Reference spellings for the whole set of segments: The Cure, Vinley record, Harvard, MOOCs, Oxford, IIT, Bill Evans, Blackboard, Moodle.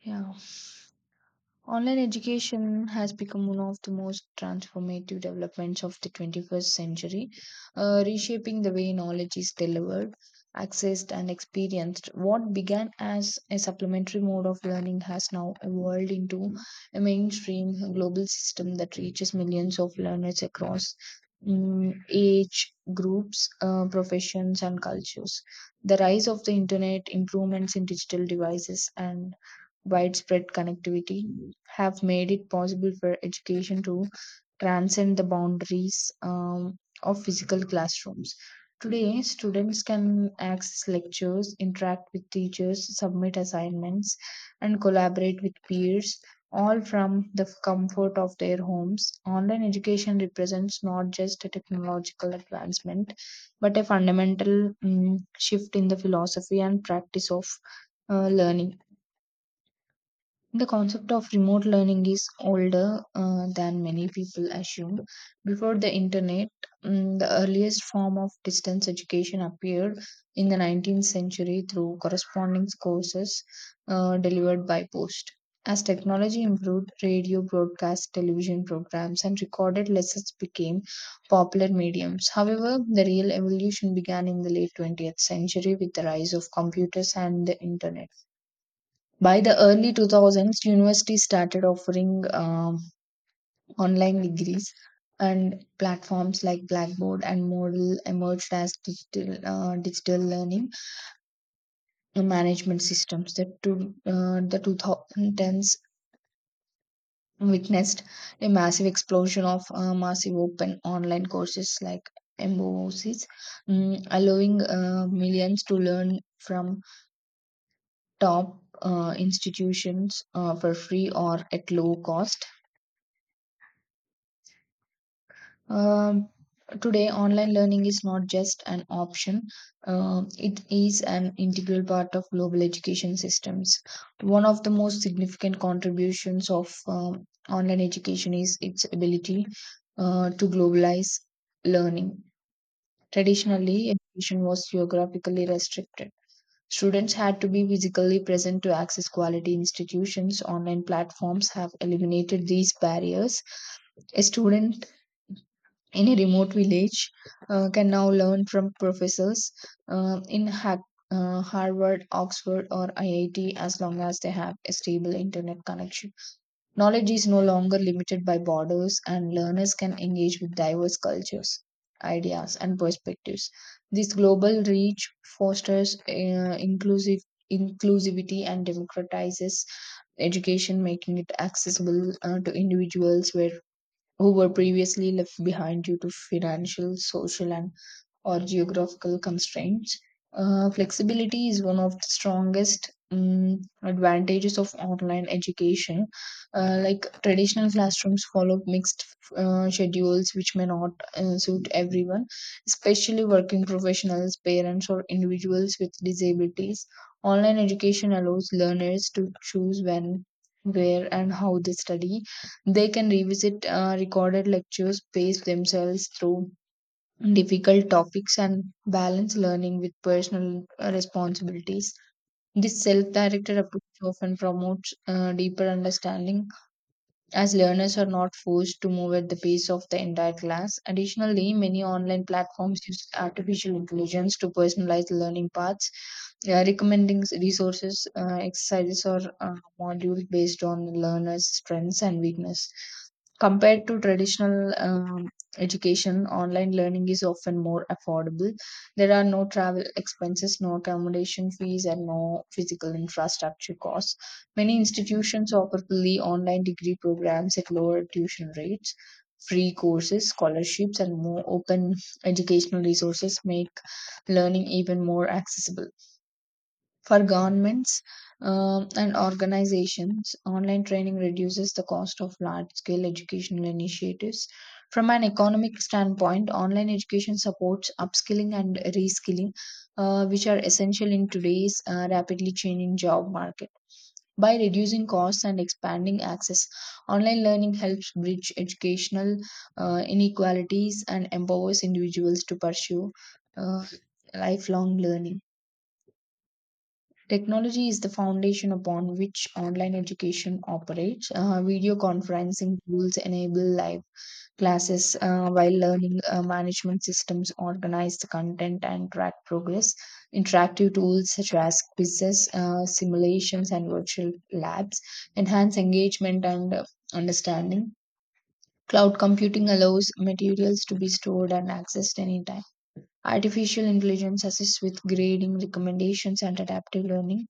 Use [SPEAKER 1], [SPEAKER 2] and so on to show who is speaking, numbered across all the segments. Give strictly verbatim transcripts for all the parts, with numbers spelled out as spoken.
[SPEAKER 1] Yeah, online education has become one of the most transformative developments of the twenty-first century, uh, reshaping the way knowledge is delivered, accessed, and experienced. What began as a supplementary mode of learning has now evolved into a mainstream global system that reaches millions of learners across mm, age groups, uh, professions, and cultures. The rise of the internet, improvements in digital devices, and widespread connectivity have made it possible for education to transcend the boundaries um, of physical classrooms. Today, students can access lectures, interact with teachers, submit assignments, and collaborate with peers, all from the comfort of their homes. Online education represents not just a technological advancement, but a fundamental mm, shift in the philosophy and practice of uh, learning. The concept of remote learning is older uh, than many people assume. Before the internet, mm, the earliest form of distance education appeared in the nineteenth century through correspondence courses uh, delivered by post. As technology improved, radio, broadcast, television programs, and recorded lessons became popular mediums. However, the real evolution began in the late twentieth century with the rise of computers and the internet. By the early two thousands, universities started offering um, online degrees, and platforms like Blackboard and Moodle emerged as digital, uh, digital learning management systems. That to, uh, the twenty tens witnessed a massive explosion of uh, massive open online courses like mooks, mm, allowing uh, millions to learn from top uh, institutions uh, for free or at low cost. Um, Today, online learning is not just an option, um, it is an integral part of global education systems. One of the most significant contributions of um, online education is its ability uh, to globalize learning. Traditionally, education was geographically restricted. Students had to be physically present to access quality institutions. Online platforms have eliminated these barriers. A student any remote village uh, can now learn from professors uh, in ha- uh, Harvard, Oxford, or I I T as long as they have a stable internet connection. Knowledge is no longer limited by borders, and learners can engage with diverse cultures, ideas, and perspectives. This global reach fosters uh, inclusive inclusivity and democratizes education, making it accessible uh, to individuals where who were previously left behind due to financial, social, and or geographical constraints. Uh, flexibility is one of the strongest um, advantages of online education. Uh, like traditional classrooms follow mixed uh, schedules, which may not uh, suit everyone, especially working professionals, parents, or individuals with disabilities. Online education allows learners to choose when, where, and how they study. They can revisit uh, recorded lectures, pace themselves through difficult topics and balance learning with personal uh, responsibilities. This self directed approach often promotes uh, deeper understanding as learners are not forced to move at the pace of the entire class. Additionally, many online platforms use artificial intelligence to personalize learning paths, yeah, recommending resources, uh, exercises, or uh, modules based on learners' strengths and weakness. Compared to traditional um, education, online learning is often more affordable. There are no travel expenses, no accommodation fees, and no physical infrastructure costs. Many institutions offer fully online degree programs at lower tuition rates. Free courses, scholarships, and more open educational resources make learning even more accessible. For governments um, and organizations, online training reduces the cost of large scale educational initiatives. From an economic standpoint, online education supports upskilling and reskilling, uh, which are essential in today's uh, rapidly changing job market. By reducing costs and expanding access, online learning helps bridge educational uh, inequalities and empowers individuals to pursue uh, lifelong learning. Technology is the foundation upon which online education operates. Uh, video conferencing tools enable live classes, uh, while learning uh, management systems organize the content and track progress. Interactive tools such as quizzes, uh, simulations, and virtual labs enhance engagement and uh, understanding. Cloud computing allows materials to be stored and accessed anytime. Artificial intelligence assists with grading, recommendations, and adaptive learning.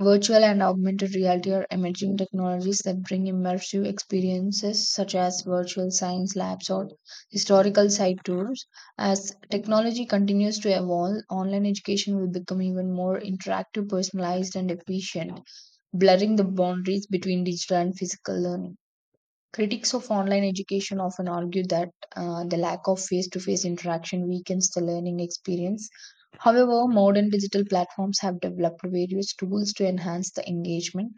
[SPEAKER 1] Virtual and augmented reality are emerging technologies that bring immersive experiences such as virtual science labs or historical site tours. As technology continues to evolve, online education will become even more interactive, personalized, and efficient, blurring the boundaries between digital and physical learning. Critics of online education often argue that uh, the lack of face to face interaction weakens the learning experience. However, modern digital platforms have developed various tools to enhance the engagement.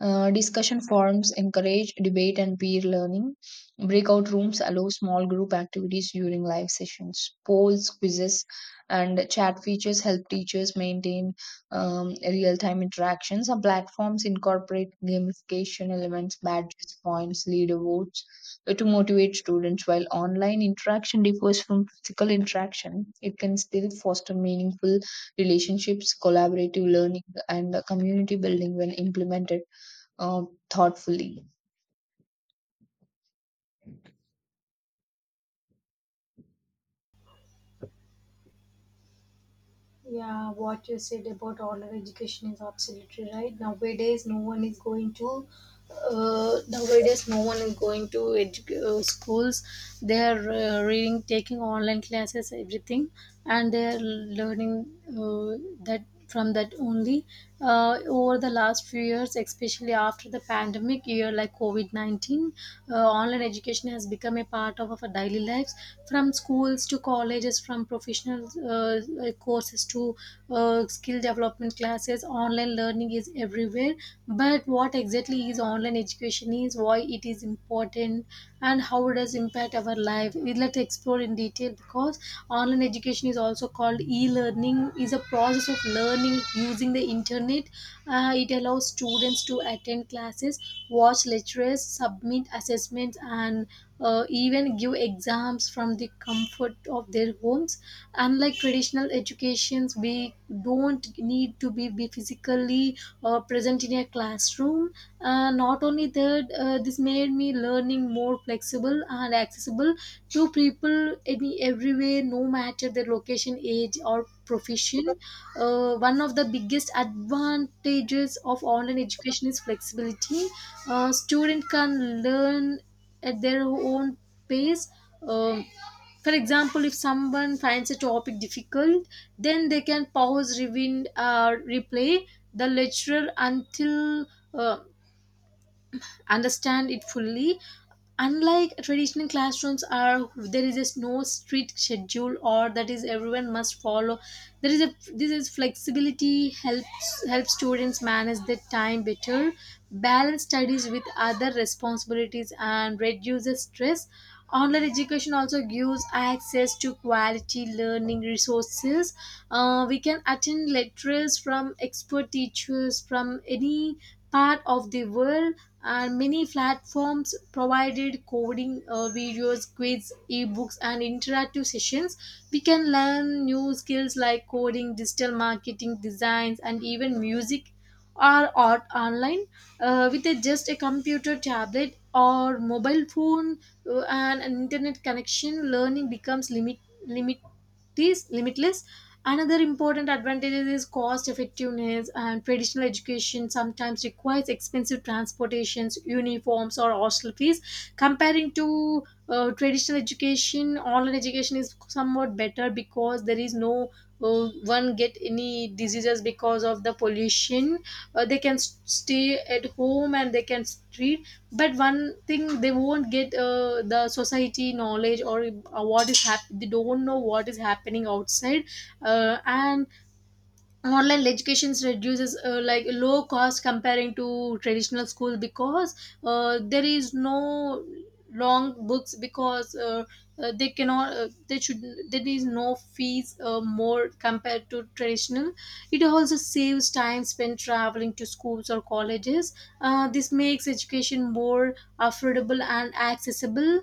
[SPEAKER 1] uh, Discussion forums encourage debate and peer learning. Breakout rooms allow small group activities during live sessions. Polls, quizzes, and chat features help teachers maintain um, real time interactions. Some platforms incorporate gamification elements, badges, points, leaderboards, uh, to motivate students. While online interaction differs from physical interaction, it can still foster meaningful relationships, collaborative learning, and uh, community building when implemented um, thoughtfully.
[SPEAKER 2] Yeah, what you said about online education is absolutely right. Nowadays, no one is going to. Uh, nowadays, no one is going to edu- uh, schools. They are uh, reading, taking online classes, everything, and they are learning uh, that from that only uh, over the last few years, especially after the pandemic year like covid nineteen. Uh, online education has become a part of our daily lives, from schools to colleges, from professional uh, courses to uh, skill development classes. Online learning is everywhere, but what exactly is online education, is why it is important, and how it does impact our life, we'd like to explore in detail. Because online education, is also called e-learning, is a process of learning using the internet. Uh, it allows students to attend classes, watch lectures, submit assessments, and uh, even give exams from the comfort of their homes. Unlike traditional educations, we don't need to be, be physically uh, present in a classroom. Uh, not only that, uh, this made me learning more flexible and accessible to people any everywhere, no matter their location, age, or profession. Uh, one of the biggest advantages of online education is flexibility. Uh, student can learn at their own pace. Um, for example, if someone finds a topic difficult, then they can pause, rewind, or replay the lecture until. Uh, Understand it fully. Unlike traditional classrooms are, there is just no strict schedule or that is everyone must follow. There is a, this is flexibility helps help students manage their time better, balance studies with other responsibilities, and reduces stress. Online education also gives access to quality learning resources. Uh, we can attend lectures from expert teachers from any part of the world, and many platforms provided coding uh, videos, quiz, ebooks, and interactive sessions. We can learn new skills like coding, digital marketing, designs, and even music or art online uh, with a, just a computer, tablet, or mobile phone uh, and an internet connection. Learning becomes limit, limit these limitless. Another important advantage is cost effectiveness. And traditional education sometimes requires expensive transportations, uniforms, or hostel fees. Comparing to uh, traditional education, online education is somewhat better, because there is no uh, one get any diseases because of the pollution. Uh, they can s- stay at home and they can treat. But one thing they won't get uh, the society knowledge, or uh, what is hap- they don't know what is happening outside. Uh, and online education reduces uh, like low cost, comparing to traditional school, because uh, there is no long books, because uh, uh, they cannot uh, they should, there is no fees uh, more compared to traditional. It also saves time spent traveling to schools or colleges. Uh, this makes education more affordable and accessible.